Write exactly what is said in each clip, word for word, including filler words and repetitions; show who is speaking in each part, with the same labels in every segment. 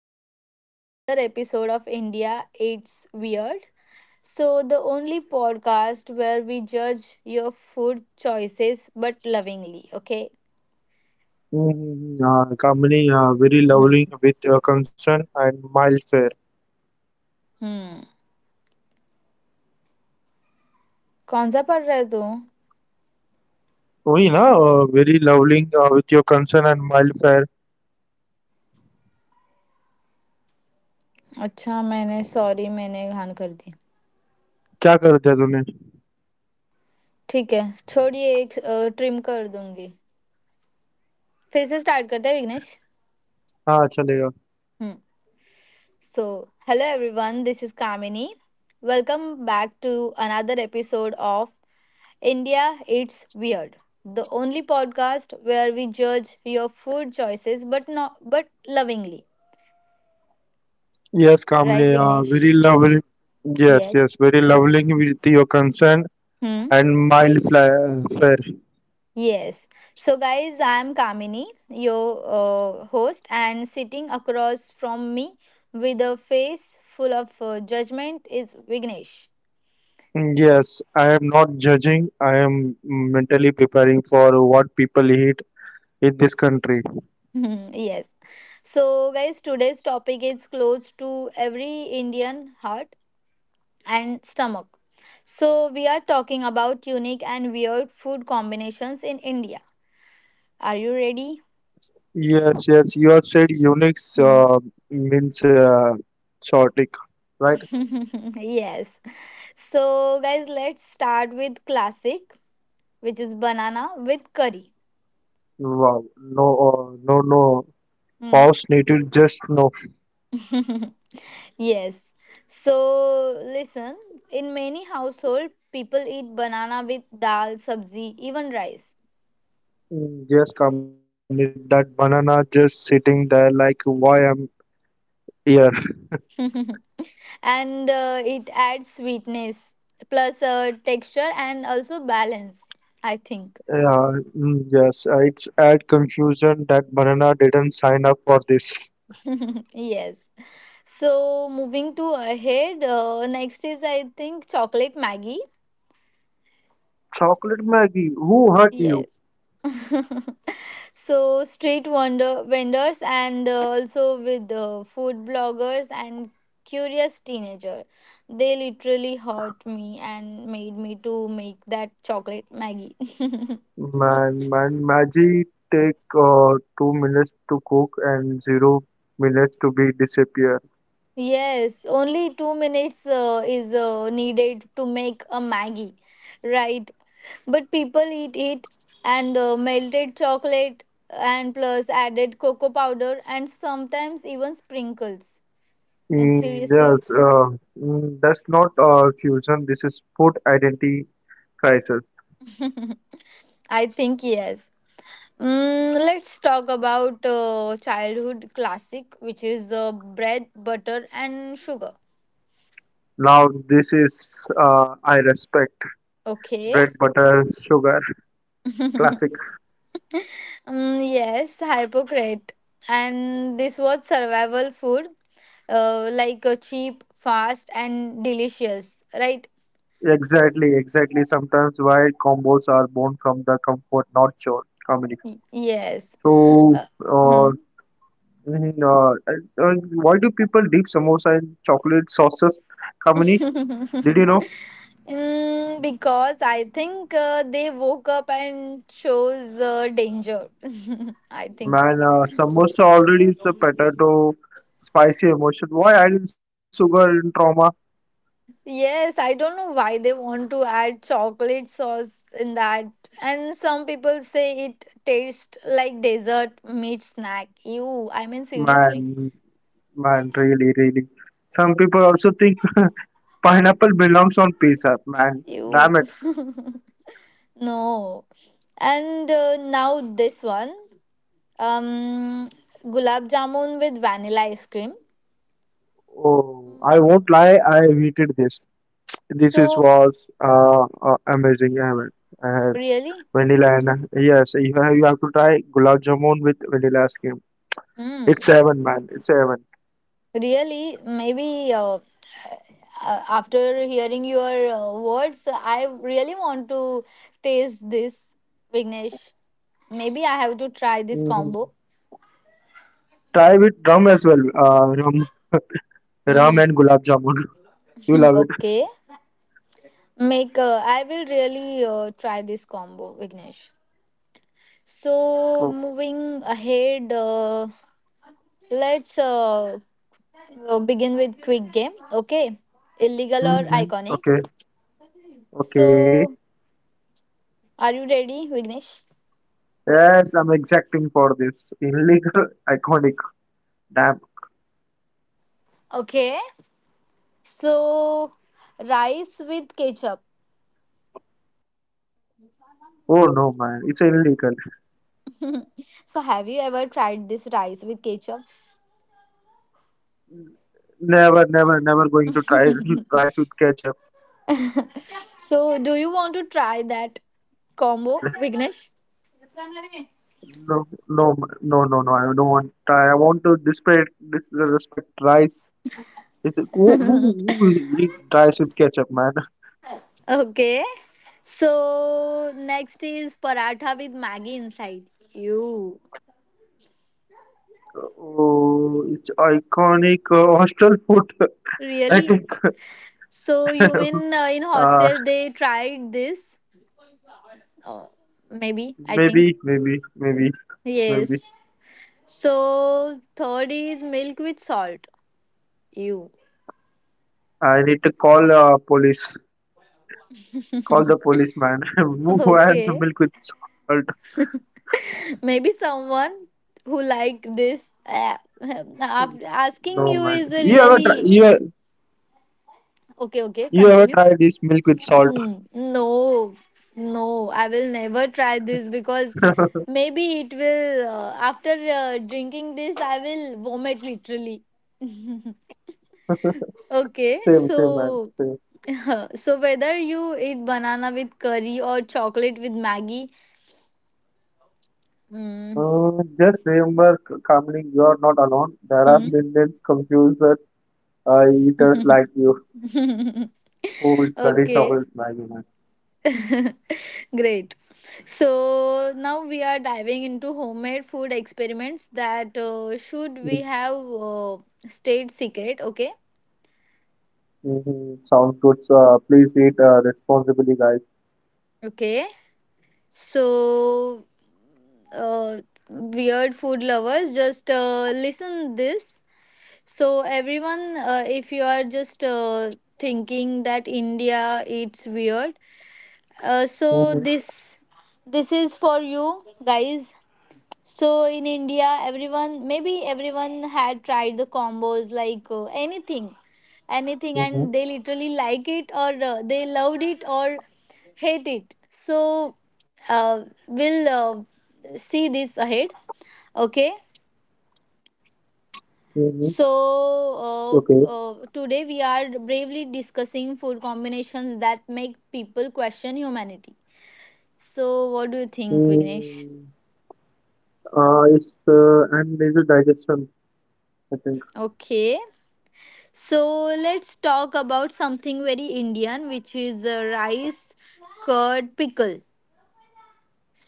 Speaker 1: back to the another episode of India It's Weird. So the only podcast where we judge your food choices but lovingly, okay?
Speaker 2: हुँ, हाँ, कामिनी हाँ, very
Speaker 1: hmm
Speaker 2: lovingly with your concern and mild fair.
Speaker 1: हम्म। कौन सा पढ़ रहे तू
Speaker 2: वही ना uh, very lovingly uh, with your concern and mild fair.
Speaker 1: अच्छा मैंने सॉरी मैंने घान कर दी
Speaker 2: क्या कर दिया तूने?
Speaker 1: ठीक है छोड़िए एक ट्रिम कर दूंगी फिर से स्टार्ट करते हैं विघ्नेश
Speaker 2: हाँ, चलेगा।
Speaker 1: Hmm. So, hello everyone, this is Kamini. Welcome back to another episode of India It's Weird, the only podcast where we judge your food choices but not but lovingly.
Speaker 2: Yes Kamini
Speaker 1: Right,
Speaker 2: हाँ,
Speaker 1: Vignesh?
Speaker 2: Very lovingly yes, yes,
Speaker 1: Yes.
Speaker 2: Very lovingly with your concern
Speaker 1: Hmm.
Speaker 2: And mild fly fair.
Speaker 1: Yes. So, guys, I am Kamini, your uh, host, and sitting across from me with a face full of uh, judgment is Vignesh.
Speaker 2: Yes, I am not judging. I am mentally preparing for what people eat in this country.
Speaker 1: Hmm, yes. So, guys, today's topic is close to every Indian heart and stomach. So, we are talking about unique and weird food combinations in India. Are you ready?
Speaker 2: Yes, yes. You have said Unix
Speaker 1: Hmm.
Speaker 2: uh, means uh, chaotic, right?
Speaker 1: Yes. So, guys, let's start with classic, which is banana with curry.
Speaker 2: Wow. No, uh, no, no.
Speaker 1: Hmm.
Speaker 2: Pause needed. Just no.
Speaker 1: Yes. So, listen, in many household, people eat banana with dal, sabzi, even rice.
Speaker 2: Mm, yes, Kamini. That banana just sitting there like why I'm here.
Speaker 1: And uh, it adds sweetness plus uh, texture and also balance, I think.
Speaker 2: Yeah. mm, Yes. uh, It's add confusion that banana didn't sign up for this.
Speaker 1: Yes. So moving to ahead, uh, next is, I think, chocolate Maggie.
Speaker 2: Chocolate Maggie. Who hurt you?
Speaker 1: Yes. So street wonder vendors and uh, also with uh, food bloggers and curious teenager, they literally hurt me and made me to make that chocolate Maggie.
Speaker 2: Man, man. Maggie take uh, two minutes to cook and zero minutes to be disappear.
Speaker 1: Yes, only two minutes uh, is uh, needed to make a Maggie, right? But people eat it and uh, melted chocolate and plus added cocoa powder and sometimes even sprinkles. I mean,
Speaker 2: Mm,
Speaker 1: seriously?
Speaker 2: Yes, uh, mm, that's not uh, fusion. This is food identity crisis.
Speaker 1: I think yes. Mm, let's talk about uh, childhood classic, which is uh, bread, butter, and sugar.
Speaker 2: Now this is uh, I respect
Speaker 1: Okay.
Speaker 2: bread, butter, sugar, classic.
Speaker 1: Mm, yes, hypocrite. And this was survival food, uh, like uh, cheap, fast, and delicious, right?
Speaker 2: Exactly, exactly. Sometimes why combos are born from the comfort, not chore, comedy.
Speaker 1: Y- yes.
Speaker 2: So,
Speaker 1: Uh, hmm.
Speaker 2: uh, mhm, uh, uh, why do people dip samosa in chocolate sauces, comedy? Did you know?
Speaker 1: Mm, because I think uh, they woke up and chose uh, danger. I think.
Speaker 2: Man, uh, samosa already is a potato, spicy emotion. Why adding sugar in trauma?
Speaker 1: Yes, I don't know why they want to add chocolate sauce in that. And some people say it tastes like dessert meat snack. Ew, I mean, seriously?
Speaker 2: Man, man, really, really. Some people also think pineapple belongs on pizza. Man,
Speaker 1: Ew.
Speaker 2: damn it.
Speaker 1: No. And uh, now this one, um, gulab jamun with vanilla ice cream.
Speaker 2: Oh, I won't lie, I hated this. This is
Speaker 1: So,
Speaker 2: was uh, uh amazing. I mean, uh,
Speaker 1: really?
Speaker 2: vanilla and yes, you have, you have to try gulab jamun with vanilla ice cream. It's
Speaker 1: Mm.
Speaker 2: heaven, man. It's heaven.
Speaker 1: Really, maybe uh, uh, after hearing your uh, words, I really want to taste this, Vignesh. Maybe I have to try this
Speaker 2: Mhm.
Speaker 1: combo.
Speaker 2: Try with rum as well. Uh, rum Ram
Speaker 1: Mm.
Speaker 2: and gulab jamun. You love it.
Speaker 1: Okay. Make uh, I will really uh, try this combo, Vignesh. So
Speaker 2: Oh.
Speaker 1: moving ahead, uh, let's uh, uh, begin with quick game. Okay, illegal or iconic.
Speaker 2: Hmm. Okay.
Speaker 1: So
Speaker 2: Okay.
Speaker 1: are you ready, Vignesh?
Speaker 2: Yes, I'm exacting for this. Illegal, iconic. Damn.
Speaker 1: Okay. So, rice with ketchup.
Speaker 2: Oh no, man. It's illegal.
Speaker 1: So, have you ever tried this rice with ketchup?
Speaker 2: Never, never, never going to try rice with ketchup.
Speaker 1: So, do you want to try that combo,
Speaker 2: And
Speaker 1: Vignesh?
Speaker 2: no, no, no, no, no. I don't want. I want to disrespect, disrespect rice. It, who, who, who will eat rice with ketchup, man?
Speaker 1: Okay. So, next is paratha with Maggie inside. You
Speaker 2: Oh, it's iconic uh, hostel food. I
Speaker 1: really?
Speaker 2: think.
Speaker 1: So, you mean uh, in
Speaker 2: Uh,
Speaker 1: hostel they tried this? Oh, maybe, I think.
Speaker 2: maybe, maybe, maybe,
Speaker 1: Yes.
Speaker 2: maybe.
Speaker 1: So, third is milk with salt. Ew.
Speaker 2: I need to call uh, police. Call the policeman. Who had the
Speaker 1: Okay,
Speaker 2: milk with salt?
Speaker 1: maybe someone who like this, uh, af- asking
Speaker 2: No
Speaker 1: you
Speaker 2: man.
Speaker 1: is a
Speaker 2: You ever try?
Speaker 1: really
Speaker 2: You
Speaker 1: okay.
Speaker 2: you ever
Speaker 1: Okay,
Speaker 2: tried this
Speaker 1: continue.
Speaker 2: milk with salt?
Speaker 1: Mm, no, no, I will never try this because maybe it will. Uh, after uh, drinking this, I will vomit literally. Okay,
Speaker 2: Same, same man.
Speaker 1: so
Speaker 2: Same.
Speaker 1: so whether you eat banana with curry or chocolate with Maggie, mm,
Speaker 2: Uh, just remember, c- calmly, you are not alone. There are
Speaker 1: hmm?
Speaker 2: millions confused uh, eaters like you who will curry
Speaker 1: Okay.
Speaker 2: chocolate Maggi man.
Speaker 1: Great. So now we are diving into homemade food experiments that uh, should we
Speaker 2: Mm,
Speaker 1: have uh, stayed secret. Okay.
Speaker 2: mhm. Sounds good. So, uh, please eat uh, responsibly, guys.
Speaker 1: Okay, so uh, weird food lovers just uh, listen this. So everyone, uh, if you are just uh, thinking that India It's Weird, uh, so
Speaker 2: Mm-hmm,
Speaker 1: this this is for you, guys. So in India, everyone maybe everyone had tried the combos like uh, anything, anything, and they
Speaker 2: mm-hmm,
Speaker 1: literally like it or uh, they loved it or hate it. So uh, we'll uh, see this ahead. Okay.
Speaker 2: mm-hmm. Okay.
Speaker 1: So uh, uh, today we are bravely discussing food combinations that make people question humanity. So what do you think,
Speaker 2: Mm,
Speaker 1: Vignesh?
Speaker 2: uh, it's uh, and is a digestion, I think.
Speaker 1: Okay. So let's talk about something very Indian, which is uh, rice, curd, pickle.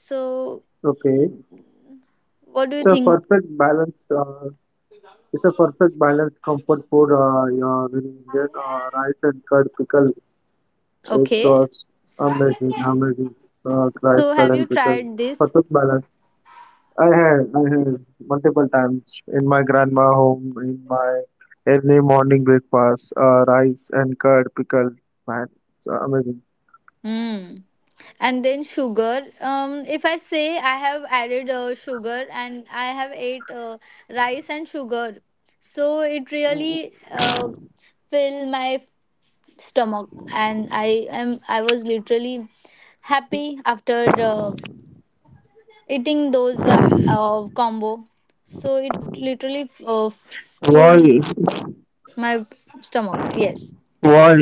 Speaker 1: So,
Speaker 2: Okay,
Speaker 1: what
Speaker 2: it's a
Speaker 1: do you
Speaker 2: perfect
Speaker 1: think?
Speaker 2: balance. Uh, it's a perfect balance comfort food. Uh, your Indian uh, rice and curd pickle. It
Speaker 1: Okay.
Speaker 2: was amazing, amazing. Uh, rice,
Speaker 1: So,
Speaker 2: curd
Speaker 1: have
Speaker 2: and
Speaker 1: you
Speaker 2: pickle.
Speaker 1: tried this?
Speaker 2: Perfect balance. I had, I had multiple times in my grandma home in my early morning breakfast. Uh, rice and curd pickle. Man, it's amazing.
Speaker 1: Mm. And then sugar. Um, if I say I have added uh, sugar and I have ate uh, rice and sugar, so it really uh, fill my stomach, and I am I was literally happy after uh, eating those uh, uh, combo, so it literally uh,
Speaker 2: Why?
Speaker 1: full my stomach. Yes.
Speaker 2: Why?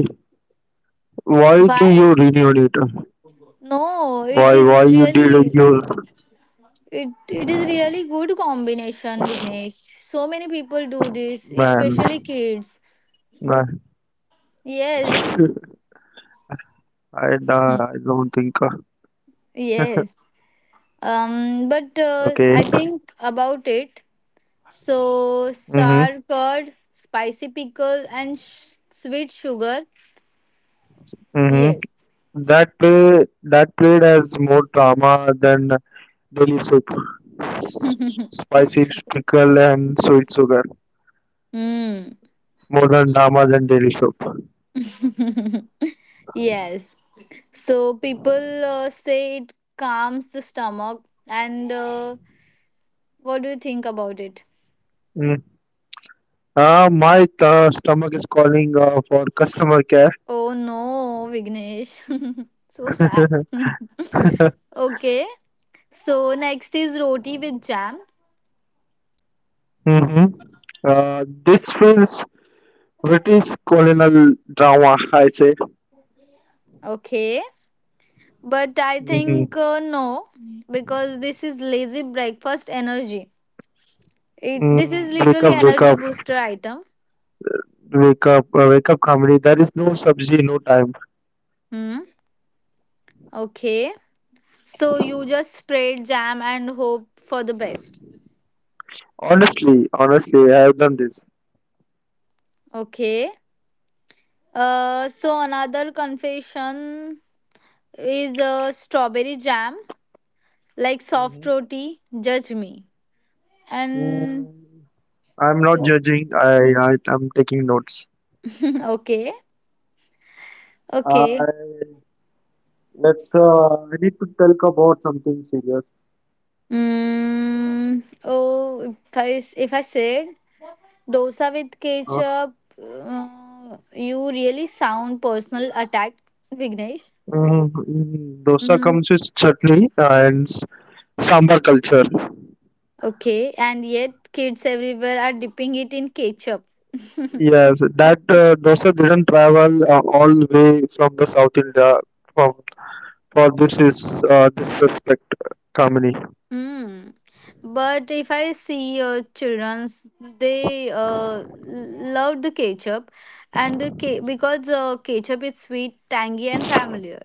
Speaker 2: Why do
Speaker 1: Why?
Speaker 2: you reunite?
Speaker 1: No, it
Speaker 2: Why
Speaker 1: is
Speaker 2: why you
Speaker 1: really
Speaker 2: did your
Speaker 1: it it is really good combination, Vignesh. So many people do this,
Speaker 2: man?
Speaker 1: especially kids.
Speaker 2: Right.
Speaker 1: Yes.
Speaker 2: I,
Speaker 1: Hmm.
Speaker 2: uh, I don't think. Uh,
Speaker 1: Yes, um but uh, I
Speaker 2: okay.
Speaker 1: think about it. So
Speaker 2: Mhm.
Speaker 1: sour curd, spicy pickle, and sh- sweet sugar.
Speaker 2: Mhm.
Speaker 1: Yes.
Speaker 2: That play that played as more drama than daily soup, S- spicy pickle and sweet sugar.
Speaker 1: Hmm.
Speaker 2: More than drama than daily soup.
Speaker 1: Yes. So people uh, say it calms the stomach. And uh, what do you think about it?
Speaker 2: Mm. Uh, my uh, stomach is calling uh, for customer care.
Speaker 1: Oh no, Vignesh. So sad. Okay. So next is roti with jam.
Speaker 2: Hmm. Uh, this feels British colonial drama, I say.
Speaker 1: Okay. But I think
Speaker 2: Hmm.
Speaker 1: uh, no, because this is lazy breakfast energy. It This
Speaker 2: Mm,
Speaker 1: is
Speaker 2: wake
Speaker 1: literally
Speaker 2: up, wake
Speaker 1: energy
Speaker 2: up,
Speaker 1: booster item.
Speaker 2: wake up, uh, wake up, comedy. There is no subsidy, no time.
Speaker 1: Hmm. Okay. So you just spread jam and hope for the best.
Speaker 2: Honestly, honestly, I have done this.
Speaker 1: Okay. Uh, so another confession is uh, strawberry jam, like soft
Speaker 2: Hmm.
Speaker 1: roti. Judge me. And
Speaker 2: Mm, I'm not judging. I, I I'm taking notes.
Speaker 1: okay, okay.
Speaker 2: I let's. Uh, I need to talk about something serious.
Speaker 1: Mm, oh, if I s- if I said dosa with
Speaker 2: Uh,
Speaker 1: ketchup, uh, you really sound personal attack, Vignesh.
Speaker 2: mm, mm, dosa
Speaker 1: Mm,
Speaker 2: comes with chutney and s- sambar culture.
Speaker 1: okay, and yet kids everywhere are dipping it in ketchup.
Speaker 2: Yes, that uh, dosa didn't travel uh, all the way from the South India from for this is uh, this respect Kamini.
Speaker 1: Mm. But if I see your childrens, they uh, love the ketchup, and the ke- because uh, ketchup is sweet, tangy, and familiar,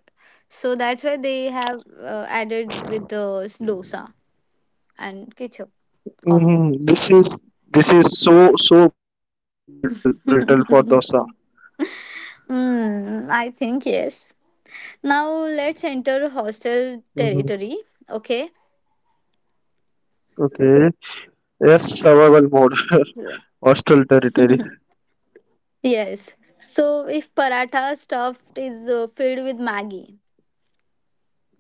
Speaker 1: so that's why they have uh, added with the dosa and ketchup
Speaker 2: Mm-hmm.
Speaker 1: combo.
Speaker 2: This is this is so so brittle brittle for dosa.
Speaker 1: Mm, I think yes. Now let's enter hostel
Speaker 2: Mm-hmm.
Speaker 1: territory. Okay.
Speaker 2: Okay. Yes, survival mode,
Speaker 1: Yeah.
Speaker 2: hostile territory.
Speaker 1: Yes. So if paratha stuffed is, uh, filled with Maggie.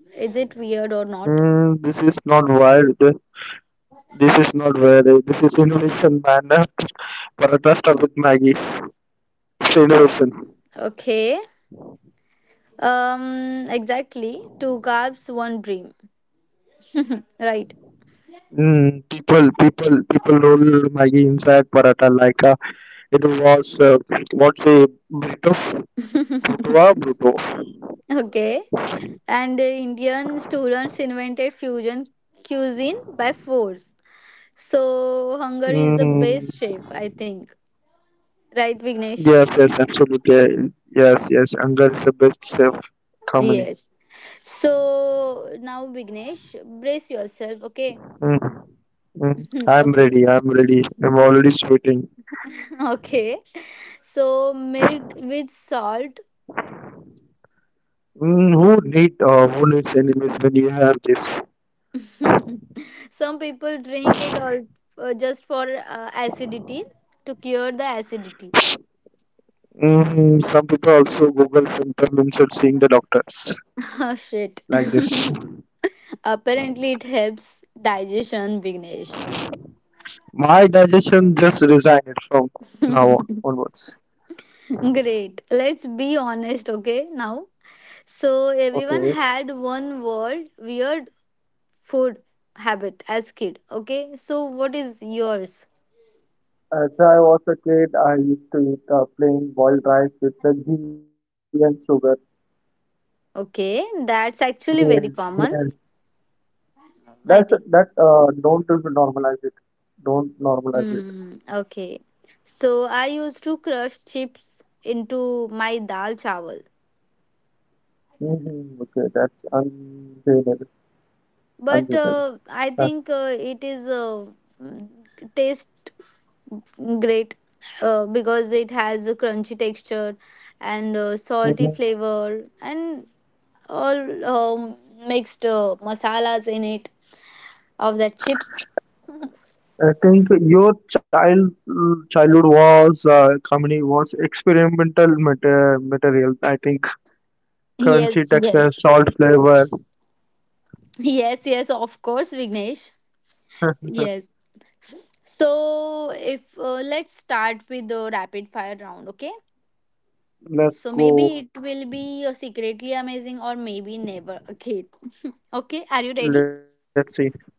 Speaker 1: Is it weird or not?
Speaker 2: Mm, this is not wild. This is not wild. This is innovation, man. Paratha stuff with Maggie. It's
Speaker 1: Uh,
Speaker 2: innovation.
Speaker 1: okay. Um, exactly. Two carbs, one dream. Right.
Speaker 2: Mm, people, people, people roll Maggie inside paratha like a It was uh, what's a Brito, Brutoa, Bruto.
Speaker 1: Okay. And uh, Indian students invented fusion cuisine by force. So hunger is the
Speaker 2: Mm,
Speaker 1: best chef, I think. Right, Vignesh?
Speaker 2: yes, yes, absolutely. Yes, yes. Anger is the best chef company.
Speaker 1: Yes. So now, Vignesh, brace yourself. Okay.
Speaker 2: Mm, mm. I'm
Speaker 1: Okay.
Speaker 2: ready. I'm ready. I'm already sweating.
Speaker 1: Okay. So milk with salt.
Speaker 2: Mm, who need uh, who needs enemies when you have this?
Speaker 1: Some people drink it all uh, just for uh, acidity to cure the acidity.
Speaker 2: Mm, some people also Google symptom instead seeing the doctors
Speaker 1: Oh shit.
Speaker 2: like this.
Speaker 1: Apparently, it helps digestion, Vignesh.
Speaker 2: My digestion just resigned from now onwards.
Speaker 1: Great. Let's be honest, okay? Now, so everyone
Speaker 2: Okay.
Speaker 1: had one word weird food habit as kid, okay? So, what is yours?
Speaker 2: As I was a kid, I used to eat uh, plain boiled rice with the ghee and sugar.
Speaker 1: Okay, that's
Speaker 2: Ghee and,
Speaker 1: actually
Speaker 2: ghee
Speaker 1: very
Speaker 2: and.
Speaker 1: common,
Speaker 2: That's
Speaker 1: I
Speaker 2: that.
Speaker 1: think.
Speaker 2: Uh, don't normalize it. Don't normalize it.
Speaker 1: Mm, okay. So I used to crush chips into my dal chawal.
Speaker 2: Hmm. Okay, that's unjaded.
Speaker 1: But
Speaker 2: Unjaded.
Speaker 1: uh, I
Speaker 2: Uh,
Speaker 1: think uh, it is uh, mm, taste great uh, because it has a crunchy texture and uh, salty
Speaker 2: mhm.
Speaker 1: flavor and all, um, mixed uh, masalas in it of the chips.
Speaker 2: I think your child childhood was uh, comedy was experimental mater- material. I think
Speaker 1: Yes,
Speaker 2: crunchy
Speaker 1: yes.
Speaker 2: texture, salt flavor.
Speaker 1: Yes, yes, of course, Vignesh. Yes. So, if uh, let's start with the rapid fire round, okay? So maybe it
Speaker 2: Let's
Speaker 1: will be uh,
Speaker 2: go.
Speaker 1: secretly amazing or maybe never again. Okay, are you ready?
Speaker 2: Let's see.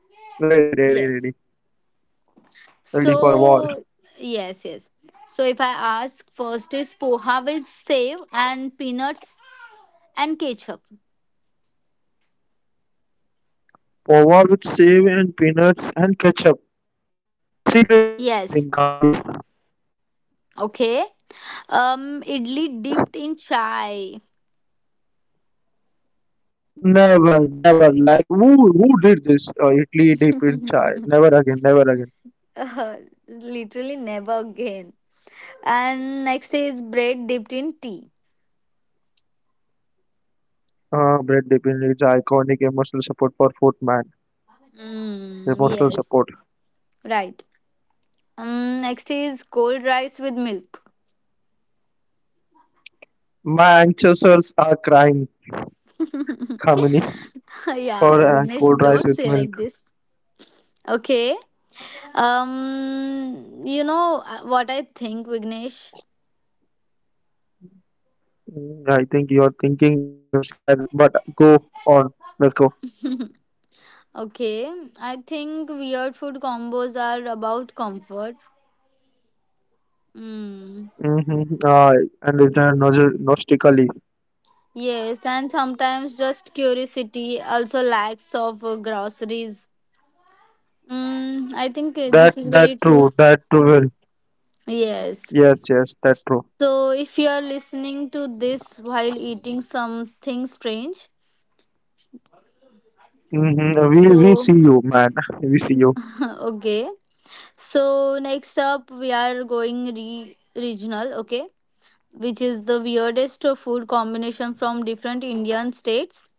Speaker 2: Ready, ready, ready,
Speaker 1: Yes.
Speaker 2: ready for war.
Speaker 1: So, yes, yes. So if I ask first is poha with save and peanuts and ketchup.
Speaker 2: Pova with save and peanuts and ketchup.
Speaker 1: Yes.
Speaker 2: Secretly amazing company.
Speaker 1: Okay. Um idli dipped in chai.
Speaker 2: Never, never. Like who who did this? Uh, Italy dip in chai. Never again. Never again.
Speaker 1: Uh, Literally never again. And next is bread dipped in tea.
Speaker 2: Uh, bread dip in its iconic emotional support for foot man.
Speaker 1: Mm,
Speaker 2: Emotional
Speaker 1: yes,
Speaker 2: support.
Speaker 1: right. Um, next is cold rice with milk.
Speaker 2: Manchesters are crying. Company for
Speaker 1: Yeah,
Speaker 2: uh,
Speaker 1: Vignesh,
Speaker 2: cold rice
Speaker 1: don't
Speaker 2: with
Speaker 1: say
Speaker 2: milk.
Speaker 1: like this. Okay. Um, you know uh, what I think, Vignesh?
Speaker 2: Mm, I think you're thinking I'm scared, but go on. Let's go.
Speaker 1: Okay, I think weird food combos are about comfort. Mm.
Speaker 2: Mm-hmm. Uh, and it's uh, nostalgically.
Speaker 1: Yes, and sometimes just curiosity, also lacks of uh, groceries. Mm, I think uh, this
Speaker 2: That
Speaker 1: is very
Speaker 2: that
Speaker 1: true.
Speaker 2: true. That true. Well.
Speaker 1: Yes.
Speaker 2: Yes, yes, that's true.
Speaker 1: So, if you are listening to this while eating something strange,
Speaker 2: Mm-hmm. Uh, We we
Speaker 1: so
Speaker 2: see you, man. We see you.
Speaker 1: okay. So, next up, we are going re- regional, okay, which is the weirdest food combination from different Indian states.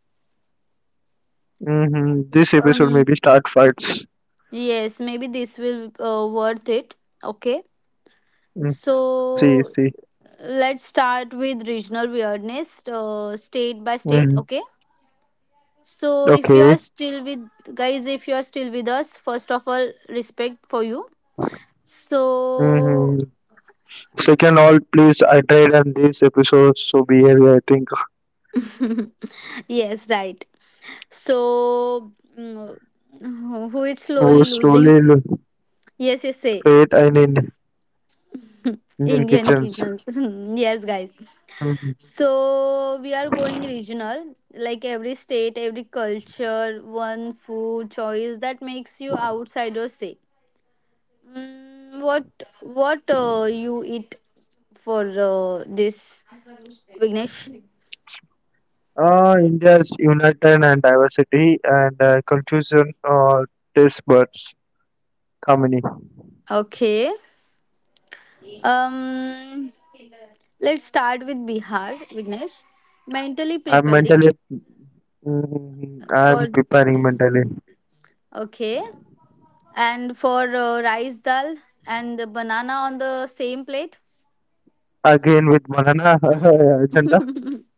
Speaker 2: Mm-hmm. This episode
Speaker 1: Um,
Speaker 2: maybe start fights.
Speaker 1: yes, maybe this will uh, worth it, okay.
Speaker 2: Mm.
Speaker 1: So,
Speaker 2: See, see.
Speaker 1: let's start with regional weirdness, uh, state by state,
Speaker 2: Mm-hmm.
Speaker 1: okay. So if you are
Speaker 2: Okay.
Speaker 1: still with guys, if you are still with us, first of all, respect for you.
Speaker 2: Mm-hmm.
Speaker 1: So
Speaker 2: Second, all please iterate on this episode. So behavior, I think,
Speaker 1: yes, right. So, mm, who is slowly
Speaker 2: was
Speaker 1: losing?
Speaker 2: slowly lo-
Speaker 1: Yes, yes, say
Speaker 2: fate in Indian Indian
Speaker 1: Indian
Speaker 2: kitchens.
Speaker 1: kitchens. Yes, guys.
Speaker 2: Mm-hmm.
Speaker 1: So we are going regional, like every state, every culture, one food choice that makes you outsider say. Mm, what what uh, you eat for uh, this, Vignesh.
Speaker 2: Uh, India's united and diversity and uh, confusion uh, taste buds harmony.
Speaker 1: Okay. Um, let's start with Bihar, Vignesh. Mentally
Speaker 2: I'm
Speaker 1: preparing
Speaker 2: mentally. Mm-hmm.
Speaker 1: for
Speaker 2: I'm preparing
Speaker 1: this.
Speaker 2: mentally.
Speaker 1: Okay. And for uh, rice dal and the banana on the same plate.
Speaker 2: Again with banana agenda.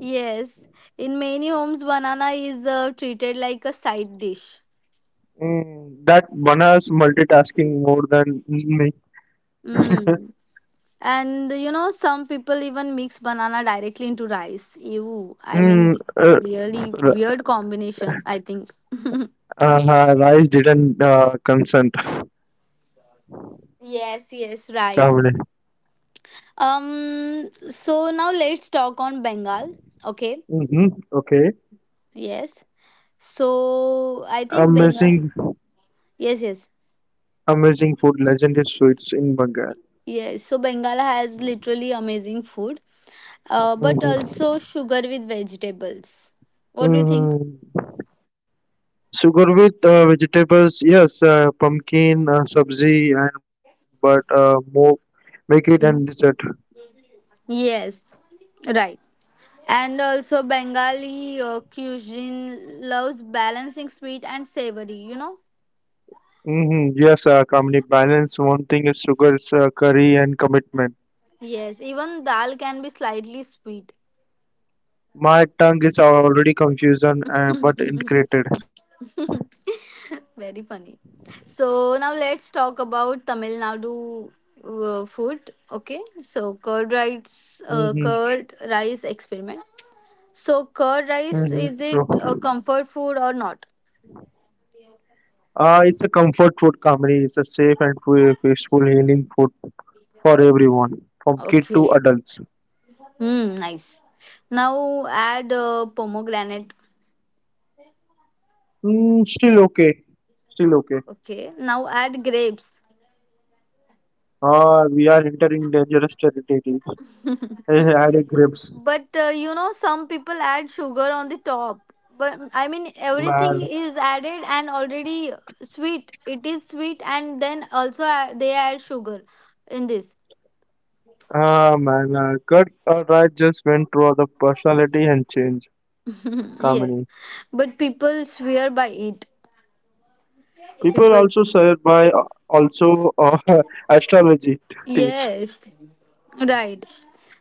Speaker 1: Yes. In many homes, banana is uh, treated like a side dish.
Speaker 2: Mm, that bananas multitasking more than me.
Speaker 1: Mm. And you know, some people even mix banana directly into rice. Ew. I mean,
Speaker 2: Mm, uh,
Speaker 1: really
Speaker 2: r-
Speaker 1: weird combination, I think.
Speaker 2: uh, Rice didn't uh, consent.
Speaker 1: Yes, yes, right.
Speaker 2: Mm-hmm.
Speaker 1: Um, so now let's talk on Bengal. Okay,
Speaker 2: Okay.
Speaker 1: yes. So I think Bengal.
Speaker 2: Amazing,
Speaker 1: Yes, yes,
Speaker 2: amazing food, legendary sweets in Bengal.
Speaker 1: yes. So Bengal has literally amazing food, uh, but
Speaker 2: Mm-hmm.
Speaker 1: also sugar with vegetables. What do you think?
Speaker 2: Mm. Sugar with uh, vegetables, yes, uh, pumpkin, uh, sabzi, and but uh, more make it and dessert.
Speaker 1: Mhm. Yes, right. And also Bengali uh, cuisine loves balancing sweet and savory. You know.
Speaker 2: Mm-hmm. Yes, uh, Kamini, balance. One thing is sugars, uh, curry, and commitment.
Speaker 1: Yes, even dal can be slightly sweet.
Speaker 2: My tongue is already confusion, uh, but integrated.
Speaker 1: Very funny. So now let's talk about Tamil Nadu uh, food. Okay, so curd rice,
Speaker 2: Mm-hmm.
Speaker 1: uh, curd rice experiment. So curd rice
Speaker 2: Mm-hmm.
Speaker 1: is it a
Speaker 2: True.
Speaker 1: comfort food or not?
Speaker 2: Uh, it's a comfort food, Kamini. It's a safe and fu- peaceful healing food for everyone, from kid to
Speaker 1: Okay.
Speaker 2: adults.
Speaker 1: Hmm. Nice. Now add uh, pomegranate.
Speaker 2: Mm, still okay. Still okay.
Speaker 1: Okay. Now add grapes.
Speaker 2: Uh, we are entering dangerous territory. I had a grips.
Speaker 1: But uh, you know, some people add sugar on the top. But I mean, everything
Speaker 2: Man.
Speaker 1: is added and already sweet. It is sweet, and then also uh, they add sugar in this.
Speaker 2: Ah, man. Uh, cut uh, right just went through the personality and change.
Speaker 1: Yes,
Speaker 2: Kamini.
Speaker 1: but people swear by it.
Speaker 2: People
Speaker 1: People,
Speaker 2: also swear by uh, also uh, astrology things.
Speaker 1: yes, right.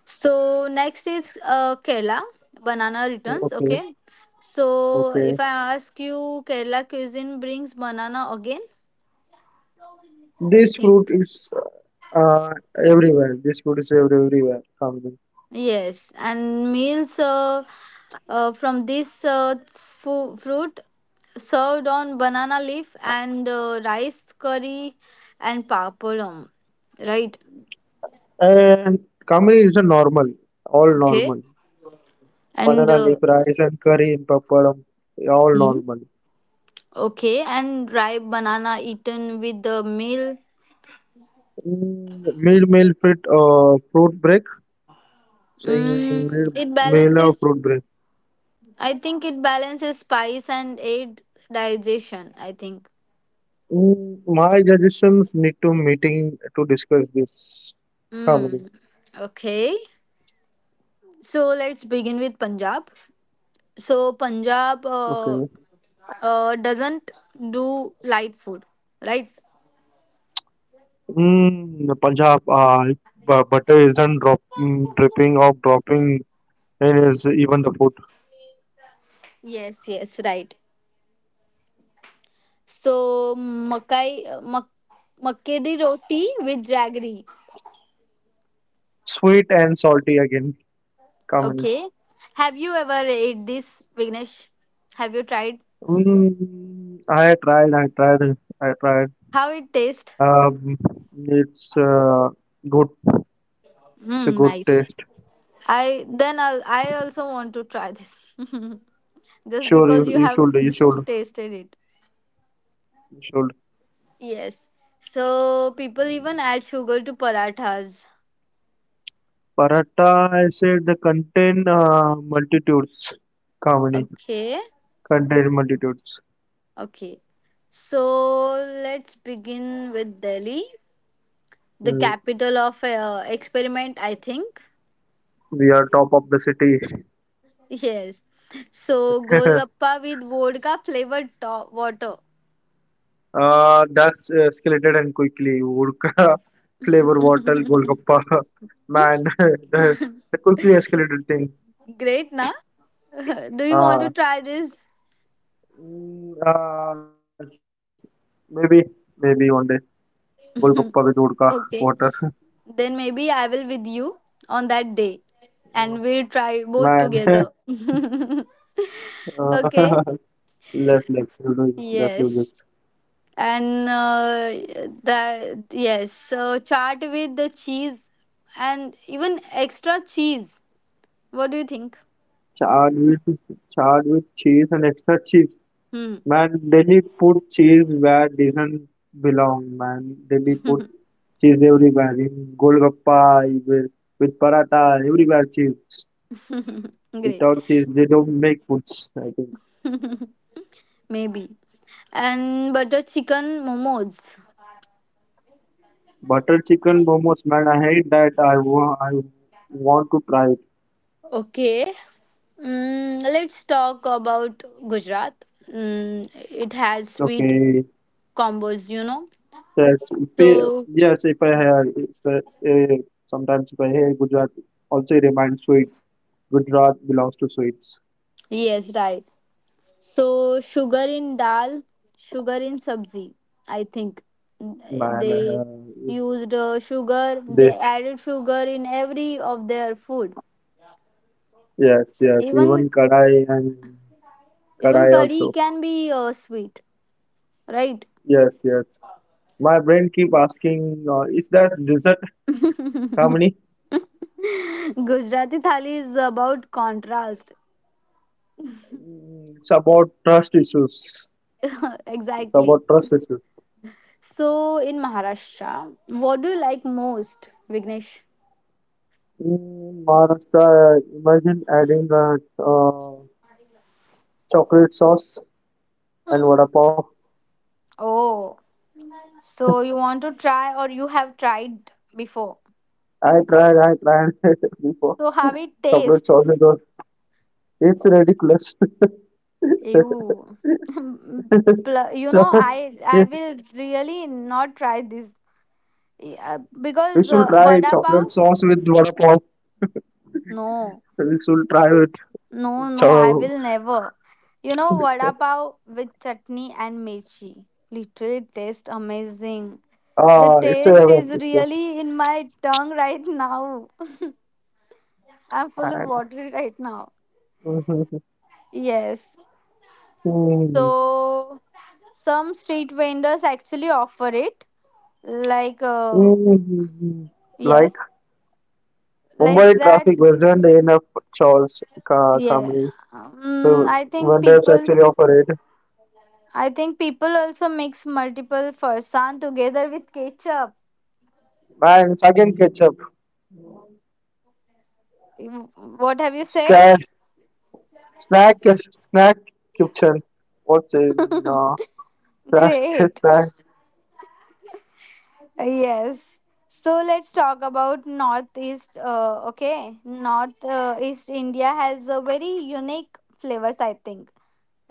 Speaker 1: So next is uh, Kerala banana returns.
Speaker 2: Okay,
Speaker 1: Okay, so if
Speaker 2: okay.
Speaker 1: I ask you, Kerala cuisine brings banana again. I
Speaker 2: This fruit
Speaker 1: think.
Speaker 2: is uh, everywhere. This fruit is ev- everywhere. Kamini.
Speaker 1: Yes, and meals uh, uh, from this uh, fu- fruit served on banana leaf and uh, rice curry and papalam, right?
Speaker 2: And Kamini is a normal, all
Speaker 1: Okay,
Speaker 2: normal.
Speaker 1: and
Speaker 2: Banana
Speaker 1: uh,
Speaker 2: leaf rice and curry in papadam, all
Speaker 1: hmm.
Speaker 2: normal.
Speaker 1: Okay, and ripe banana eaten with the meal.
Speaker 2: Mm, meal, meal, fruit, uh, fruit break. Saying meal,
Speaker 1: Mm, it
Speaker 2: meal or
Speaker 1: balances.
Speaker 2: fruit break.
Speaker 1: I think it balances spice and aid digestion. I think.
Speaker 2: Mm, my suggestions need to meeting to discuss this. Kamini.
Speaker 1: Mm, okay, so let's begin with Punjab. So
Speaker 2: Okay.
Speaker 1: Punjab uh, uh, doesn't do light food, right?
Speaker 2: Mm, Punjab, uh, bu- butter isn't drop, mm, dripping or dropping in is even the food.
Speaker 1: Yes, yes, right. So makai uh, mak, makke di roti with jaggery.
Speaker 2: Sweet and salty again, coming.
Speaker 1: Okay. Have you ever ate this, Vignesh? Have you tried?
Speaker 2: Mm, I tried, I tried, I tried.
Speaker 1: How it tastes?
Speaker 2: Um, it's uh, good, it's a
Speaker 1: Hmm,
Speaker 2: good
Speaker 1: nice.
Speaker 2: taste.
Speaker 1: I then I'll, I also want to try this. Just
Speaker 2: Sure, you,
Speaker 1: because you
Speaker 2: you
Speaker 1: have
Speaker 2: should, you should,
Speaker 1: tasted it.
Speaker 2: you should.
Speaker 1: Yes. So people even add sugar to parathas.
Speaker 2: Paratha, I said the contain uh, multitudes, comedy,
Speaker 1: Okay.
Speaker 2: contain multitudes.
Speaker 1: Okay. So let's begin with Delhi, the
Speaker 2: Mm,
Speaker 1: capital of uh, experiment, I think.
Speaker 2: we are top of the city.
Speaker 1: Yes. So Golgappa with vodka flavored to- water.
Speaker 2: Uh, that's uh, escalated and quickly. Vodka, flavor bottle, golgappa. Man, the, the quickly escalated thing.
Speaker 1: Great, na? Do you want
Speaker 2: Uh,
Speaker 1: to try this?
Speaker 2: mm, uh, maybe, maybe one day. Golgappa with vodka, water.
Speaker 1: Okay. Then maybe I will with you on that day
Speaker 2: Oh,
Speaker 1: and we'll try both
Speaker 2: man, uh,
Speaker 1: together. Okay.
Speaker 2: less legs, you know, less legs.
Speaker 1: Yes. And uh, that, yes, so chart with the cheese and even extra cheese, what do you think?
Speaker 2: Charred with, charred with cheese and extra cheese.
Speaker 1: Hmm.
Speaker 2: Man, Delhi put cheese where doesn't belong. Man, Delhi put cheese everywhere. In Golgappa, with, with paratha, everywhere cheese.
Speaker 1: Great.
Speaker 2: Without cheese, they don't make foods. I think
Speaker 1: Maybe, and butter chicken momos.
Speaker 2: butter chicken momos. Man, I hate that. I want. I want to try it.
Speaker 1: Okay. Mm, let's talk about Gujarat. Mm, it has sweet
Speaker 2: Okay.
Speaker 1: combos, you know.
Speaker 2: Yes. Pe-
Speaker 1: So
Speaker 2: yes. If I have, it's, uh, eh, sometimes if I hear Gujarat, also it reminds sweets. Gujarat belongs to sweets.
Speaker 1: yes, right. So sugar in dal, sugar in sabzi. I think
Speaker 2: Man,
Speaker 1: they
Speaker 2: uh,
Speaker 1: used uh, sugar. They
Speaker 2: they
Speaker 1: added sugar in every of their food.
Speaker 2: Yes, yes. Even
Speaker 1: Even,
Speaker 2: Kadai and
Speaker 1: even
Speaker 2: Kadai
Speaker 1: curry
Speaker 2: also.
Speaker 1: can be uh, sweet, right?
Speaker 2: Yes, yes. My brain keep asking, uh, is that dessert,
Speaker 1: Gujarati
Speaker 2: Kamini?
Speaker 1: thali is about contrast.
Speaker 2: Mm, It's about trust issues. It's
Speaker 1: Exactly.
Speaker 2: about trust issues.
Speaker 1: So in Maharashtra, what do you like most, Vignesh?
Speaker 2: In Maharashtra, imagine adding a uh, chocolate sauce and vada pav.
Speaker 1: Oh, so you want to try, or you have tried before?
Speaker 2: I tried, I tried before.
Speaker 1: So how it
Speaker 2: Chocolate
Speaker 1: taste?
Speaker 2: sauce is all- It's ridiculous.
Speaker 1: You, you
Speaker 2: So,
Speaker 1: know, I I
Speaker 2: yeah,
Speaker 1: will really not try this. Yeah,
Speaker 2: we
Speaker 1: because
Speaker 2: should
Speaker 1: uh,
Speaker 2: try
Speaker 1: vada pav.
Speaker 2: chocolate sauce with vada pav.
Speaker 1: No,
Speaker 2: We should try with
Speaker 1: no, no. I
Speaker 2: Terrible.
Speaker 1: will never. You know, vada pav with chutney and mirchi. Literally, taste amazing. The
Speaker 2: Ah, it's a
Speaker 1: taste is
Speaker 2: seven. It's a
Speaker 1: really in my tongue right now. I'm full of
Speaker 2: And
Speaker 1: water right now. Yes. So some street vendors actually offer it like uh,
Speaker 2: like
Speaker 1: yes, like
Speaker 2: Mumbai
Speaker 1: that.
Speaker 2: traffic wasn't enough chores, ca-
Speaker 1: Yeah.
Speaker 2: calmly.
Speaker 1: um,
Speaker 2: So
Speaker 1: I think
Speaker 2: vendors
Speaker 1: people,
Speaker 2: actually offer it.
Speaker 1: I think people also mix multiple farsan together with ketchup.
Speaker 2: And second ketchup,
Speaker 1: What have you said?
Speaker 2: snack, snack, snack kitchen. What's in uh, snack,
Speaker 1: Great.
Speaker 2: snack?
Speaker 1: Yes. So let's talk about northeast uh, okay north uh, east India has a very unique flavors, I think,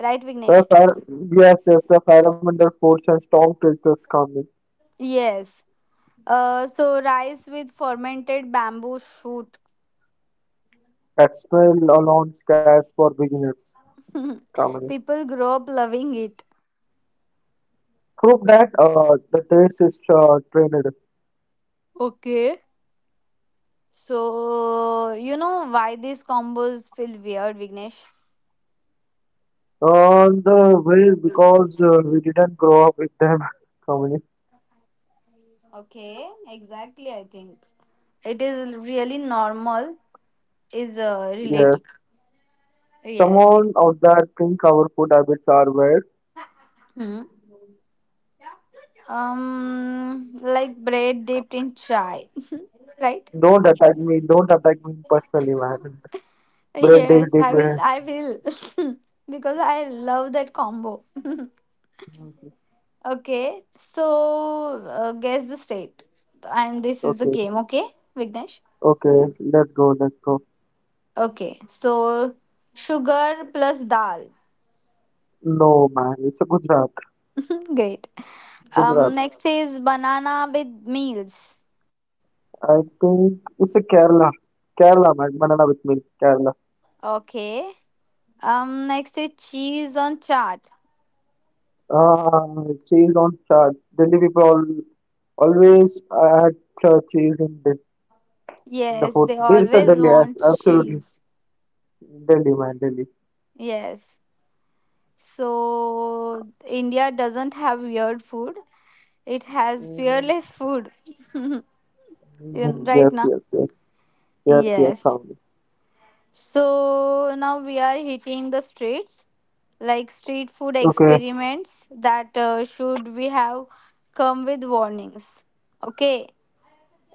Speaker 1: right,
Speaker 2: The
Speaker 1: Vignesh?
Speaker 2: fire, yes, yes, the fundamental force and storm filters coming.
Speaker 1: Yes. uh, so rice with fermented bamboo shoot.
Speaker 2: That smell alone scares for beginners. Comedy.
Speaker 1: People grow up loving it.
Speaker 2: Prove that uh, the taste is uh, trained
Speaker 1: Okay. So, you know why these combos feel weird, Vignesh?
Speaker 2: on the way because uh, we didn't grow up with them. Coming,
Speaker 1: Okay, exactly, I think. It is really normal, is uh,
Speaker 2: yeah.
Speaker 1: relative. Yes, yes.
Speaker 2: Someone out there think our food habits are weird.
Speaker 1: Hmm. Um, like bread dipped in chai, right?
Speaker 2: Don't attack me. Don't attack me personally, man. Bread is
Speaker 1: Yes, I will,
Speaker 2: different.
Speaker 1: I will, because I love that combo. Okay, so uh, guess the state. And this is the
Speaker 2: Okay,
Speaker 1: game, okay, Vignesh?
Speaker 2: okay. Let's go. Let's go.
Speaker 1: Okay, so sugar plus dal.
Speaker 2: No, man. It's a Gujarat.
Speaker 1: Great. Um,
Speaker 2: Gujarat.
Speaker 1: next is banana with meals.
Speaker 2: I think it's a Kerala. Kerala, man. Banana with milk. Kerala.
Speaker 1: Okay. Um, next is cheese on chart.
Speaker 2: Ah, cheese on church. Delhi people all, always add church cheese in the, in the
Speaker 1: Yes,
Speaker 2: food.
Speaker 1: they
Speaker 2: This is the
Speaker 1: always
Speaker 2: Delhi, yes,
Speaker 1: want
Speaker 2: absolutely.
Speaker 1: cheese.
Speaker 2: Delhi, man, Delhi.
Speaker 1: Yes. So India doesn't have weird food. It has
Speaker 2: Mhm,
Speaker 1: fearless food. You-
Speaker 2: mhm.
Speaker 1: right
Speaker 2: Yes,
Speaker 1: now.
Speaker 2: yes, yes, yes, yes,
Speaker 1: Yes.
Speaker 2: Kamini.
Speaker 1: So now we are hitting the streets, like street food
Speaker 2: Okay,
Speaker 1: experiments that uh, should we have come with warnings. Okay,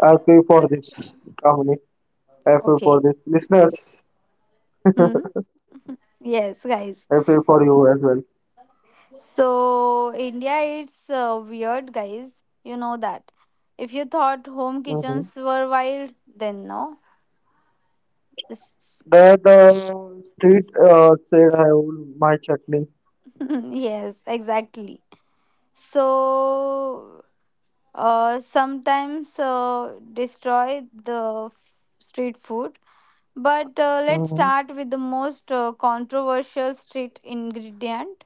Speaker 2: I pray for this, Kamini. I pray
Speaker 1: okay.
Speaker 2: for this. Listeners, I
Speaker 1: Hmm. Yes, guys.
Speaker 2: pray for you as well.
Speaker 1: So India, it's uh, weird, guys. You know that. If you thought home
Speaker 2: Mm-hmm.
Speaker 1: kitchens were wild, then no. This,
Speaker 2: The, the street uh, said I will my chutney.
Speaker 1: yes, exactly. So uh, sometimes uh, destroy the f- street food. But uh, let's
Speaker 2: Mm-hmm.
Speaker 1: start with the most uh, controversial street ingredient.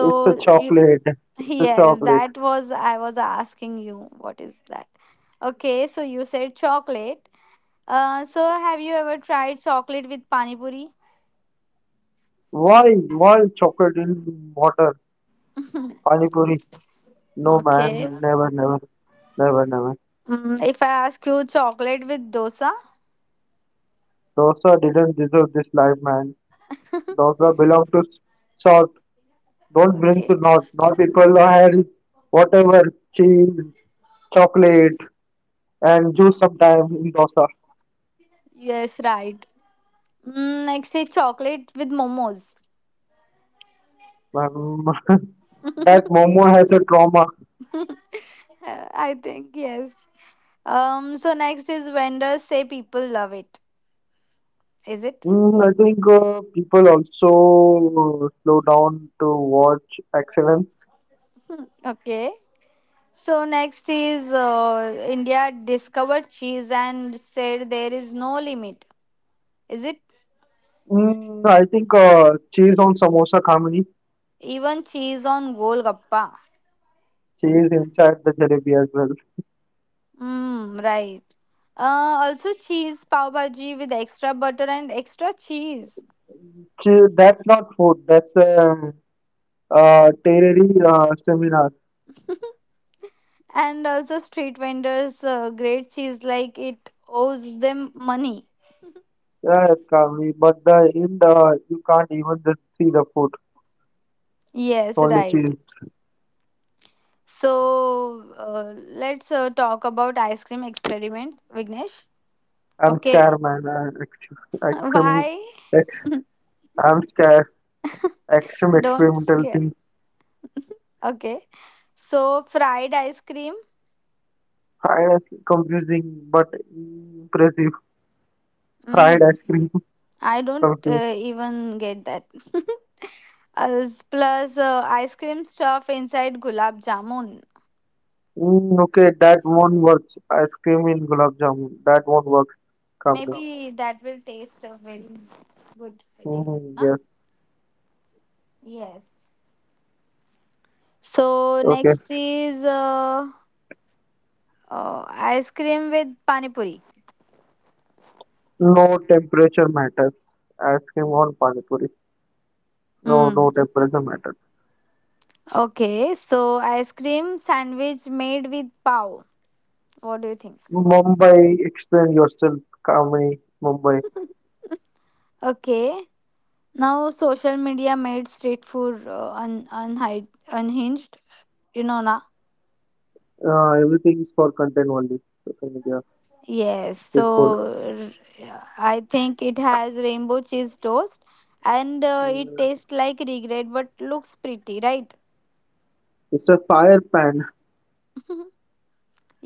Speaker 2: It's a
Speaker 1: you,
Speaker 2: chocolate. It's a
Speaker 1: yes,
Speaker 2: chocolate.
Speaker 1: that was I was asking you, what is that? Okay, so you said chocolate. Uh, so have you ever tried chocolate with pani puri?
Speaker 2: Why? Why chocolate in water? Pani puri? No, man.
Speaker 1: Okay.
Speaker 2: Never, never, never, never.
Speaker 1: Mm, if I ask you chocolate with dosa?
Speaker 2: Dosa didn't deserve this life, man. Dosa belong to South. Don't bring to
Speaker 1: Okay.
Speaker 2: North. North people have whatever cheese, chocolate, and juice sometimes in dosa.
Speaker 1: Yes, right. Mm, next is chocolate with momos.
Speaker 2: Um, that momo has a trauma.
Speaker 1: I think yes. Um. So next is vendors say people love it. Is it
Speaker 2: Mm, I think uh, people also slow down to watch excellence.
Speaker 1: okay? So next is uh, India discovered cheese and said there is no limit. Is it
Speaker 2: Mm, I think uh, cheese on samosa khamri,
Speaker 1: even cheese on golgappa?
Speaker 2: cheese inside the jalebi as well.
Speaker 1: Mm, right. Uh, also cheese pav bhaji with extra butter and extra cheese.
Speaker 2: Cheese, that's not food, that's a uh, tereri uh, seminar.
Speaker 1: And also, street vendors' uh, great cheese, like it owes them money.
Speaker 2: Yes, khamri, but the in the you can't even just see the food,
Speaker 1: Yes,
Speaker 2: only
Speaker 1: right.
Speaker 2: cheese.
Speaker 1: So uh, let's uh, talk about ice cream experiment, Vignesh.
Speaker 2: I'm
Speaker 1: Okay.
Speaker 2: scared, man. I, ex,
Speaker 1: Why?
Speaker 2: ex, I'm scared. Extreme
Speaker 1: Don't
Speaker 2: experimental
Speaker 1: scare.
Speaker 2: thing.
Speaker 1: Okay. So fried ice cream.
Speaker 2: Fried ice cream, confusing but impressive. Fried
Speaker 1: Mm,
Speaker 2: ice cream,
Speaker 1: I don't
Speaker 2: confusing.
Speaker 1: uh, even get that. As- Plus uh, ice cream stuff inside gulab jamun.
Speaker 2: Mm, okay, that won't work. Ice cream in gulab jamun. That won't work, Kamini.
Speaker 1: Maybe that will taste uh, very good, I think.
Speaker 2: Mm,
Speaker 1: Na?
Speaker 2: yes,
Speaker 1: Yes. So
Speaker 2: okay.
Speaker 1: next is uh, uh, ice cream with pani puri.
Speaker 2: No temperature matters. Ice cream on pani puri. No, no
Speaker 1: Mm.
Speaker 2: temperature matters.
Speaker 1: Okay, so ice cream sandwich made with pav. What do you think?
Speaker 2: Mumbai, explain yourself, Kamini. Mumbai.
Speaker 1: Okay, now social media made street food uh, un- unhi- unhinged. You know, na.
Speaker 2: Uh, everything is for content only. Social media,
Speaker 1: Yes,
Speaker 2: street food.
Speaker 1: so r- I think it has rainbow cheese toast and uh, it
Speaker 2: Mm,
Speaker 1: tastes like regret but looks pretty, right?
Speaker 2: it's a fire pan.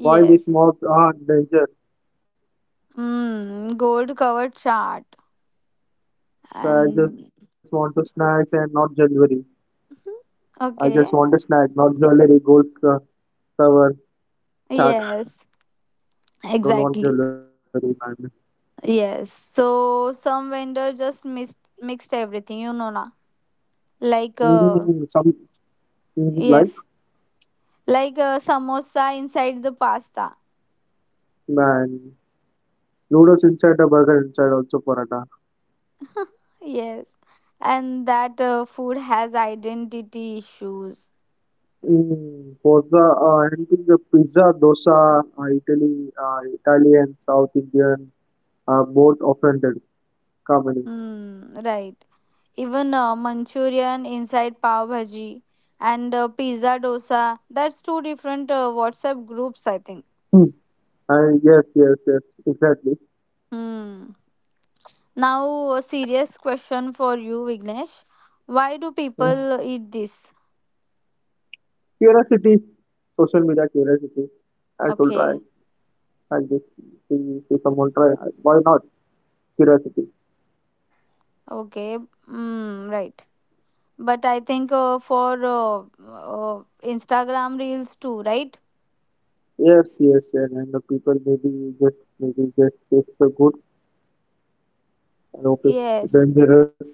Speaker 2: Why this mobs are danger?
Speaker 1: Mm, gold covered chart
Speaker 2: So I
Speaker 1: and
Speaker 2: just want to snacks and not jewelry. I just
Speaker 1: okay.
Speaker 2: want a snack, not jewelry, gold uh, cover, chart.
Speaker 1: Yes,
Speaker 2: I don't want
Speaker 1: exactly.
Speaker 2: jewelry, man.
Speaker 1: Yes. So some vendor just mixed mixed everything, you know na. Like uh
Speaker 2: Mm, some mm, like
Speaker 1: yes, like uh, samosa inside the pasta.
Speaker 2: man noodles inside a burger inside also paratha.
Speaker 1: Yes, and that uh, food has identity issues.
Speaker 2: Mm, for the uh, anything the pizza, dosa, uh, Italy, uh, Italian, South Indian, uh, both offended comedy.
Speaker 1: Mm, right. Even uh, Manchurian inside pav bhaji and uh, pizza dosa. That's two different uh, WhatsApp groups, I think.
Speaker 2: Hmm. And yes, yes, yes, exactly.
Speaker 1: Hmm. Now, a serious question for you, Vignesh. Why do
Speaker 2: Mm.
Speaker 1: people eat this?
Speaker 2: Curiosity, social media curiosity. I should
Speaker 1: Okay.
Speaker 2: try. I just see, see someone try. Why not curiosity?
Speaker 1: Okay. Mm, right. But I think uh, for uh, uh, Instagram reels too, right?
Speaker 2: Yes, yes, yes, and the people maybe just maybe just taste the good I hope
Speaker 1: Yes.
Speaker 2: it's dangerous.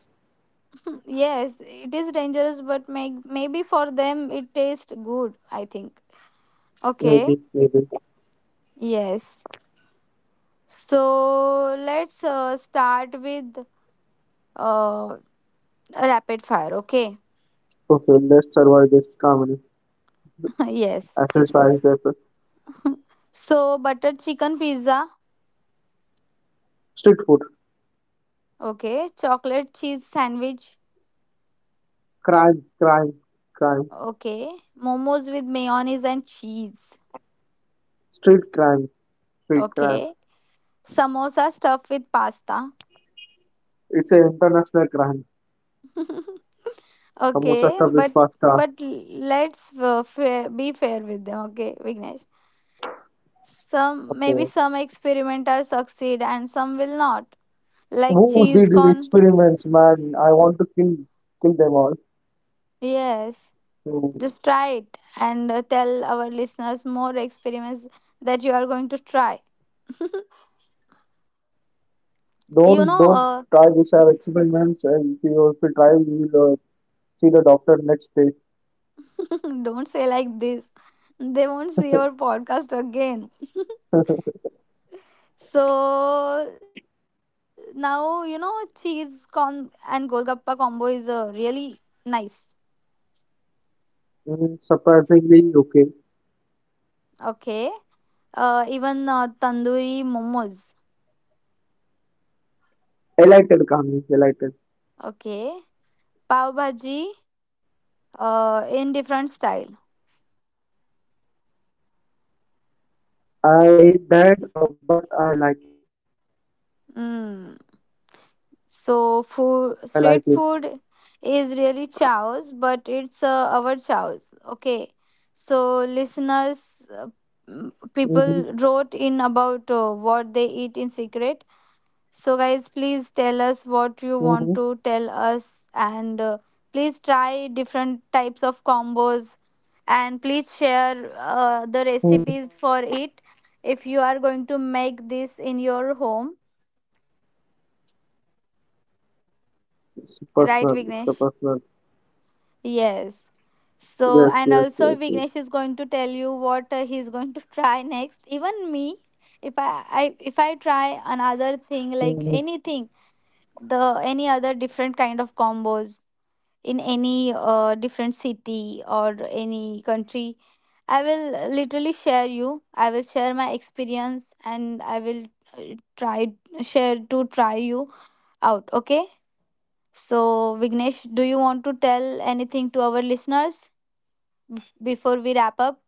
Speaker 1: Hmm, yes, it is dangerous, but may- maybe for them it tastes good, I think.
Speaker 2: Maybe,
Speaker 1: Okay,
Speaker 2: maybe.
Speaker 1: yes. So let's uh, start with uh, rapid fire, okay?
Speaker 2: Okay, let's survive this calmly.
Speaker 1: Yes.
Speaker 2: Exercise effort.
Speaker 1: So, butter chicken pizza,
Speaker 2: Street food.
Speaker 1: okay. Chocolate cheese sandwich,
Speaker 2: Crime, crime, crime.
Speaker 1: okay. Momos with mayonnaise and cheese,
Speaker 2: Street crime, street crime.
Speaker 1: okay. Samosa stuffed with pasta,
Speaker 2: It's an international crime. Samosa
Speaker 1: okay.
Speaker 2: stuff with
Speaker 1: But
Speaker 2: pasta.
Speaker 1: but let's uh, fair, be fair with them, okay, Vignesh? Some,
Speaker 2: Okay.
Speaker 1: maybe some experimenters succeed and some will not, like
Speaker 2: Who did
Speaker 1: cheese
Speaker 2: these
Speaker 1: con.
Speaker 2: experiments, man? I want to kill kill them all.
Speaker 1: Yes,
Speaker 2: So
Speaker 1: just try it and uh, tell our listeners more experiments that you are going to try.
Speaker 2: don't
Speaker 1: You
Speaker 2: don't
Speaker 1: know uh,
Speaker 2: try this have experiments and if you, if you try you will uh, see the doctor next day.
Speaker 1: don't say like this, they won't see our podcast again. So now you know cheese con and golgappa combo is uh, really nice.
Speaker 2: Mm, surprisingly okay.
Speaker 1: Okay. Uh, even uh, tandoori momos.
Speaker 2: Elated Kami, elated.
Speaker 1: Okay. Pav bhaji. Uh, in different style.
Speaker 2: I hate that, uh, but I like it.
Speaker 1: Mm.
Speaker 2: I like it.
Speaker 1: So food, street food is really chaos, but it's uh, our chaos. Okay. So listeners, uh,
Speaker 2: Mm-hmm,
Speaker 1: m- people wrote in about uh, what they eat in secret. So, guys, please tell us
Speaker 2: mm-hmm,
Speaker 1: what you want to tell us, and uh, please try different types of combos, and please share uh,
Speaker 2: mm-hmm.
Speaker 1: the recipes for it if you are going to make this in your home,
Speaker 2: It's personal, it's a personal.
Speaker 1: right, Vignesh?
Speaker 2: Yes,
Speaker 1: Yes.
Speaker 2: yes, yes, yes.
Speaker 1: So, and also Vignesh is going to tell you what uh, he's going to try next. Even me, if I, I if I try
Speaker 2: Mm-hmm.
Speaker 1: another thing like anything, the any other different kind of combos in any uh, different
Speaker 2: Yes,
Speaker 1: city
Speaker 2: yes,
Speaker 1: or
Speaker 2: yes, yes.
Speaker 1: any country, I will uh, literally share you,
Speaker 2: Yes,
Speaker 1: I will
Speaker 2: Kamini.
Speaker 1: share my experience, and I will uh, try share to try you out, okay? So Vignesh, do you want to tell anything to our listeners before we wrap up?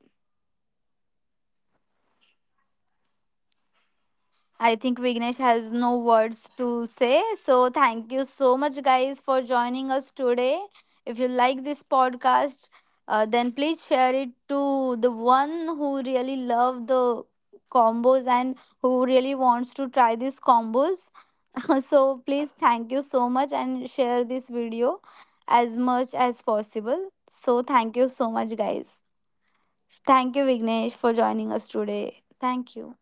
Speaker 1: I think Vignesh has no words to say. So, thank you so much, guys, for joining us today. If you like this podcast, uh, then please share it to the one who really love the combos and who really wants to try these combos. So, please, thank you so much and share this video as much as possible. So, thank you so much, guys. Thank you, Vignesh, for joining us today. Thank you.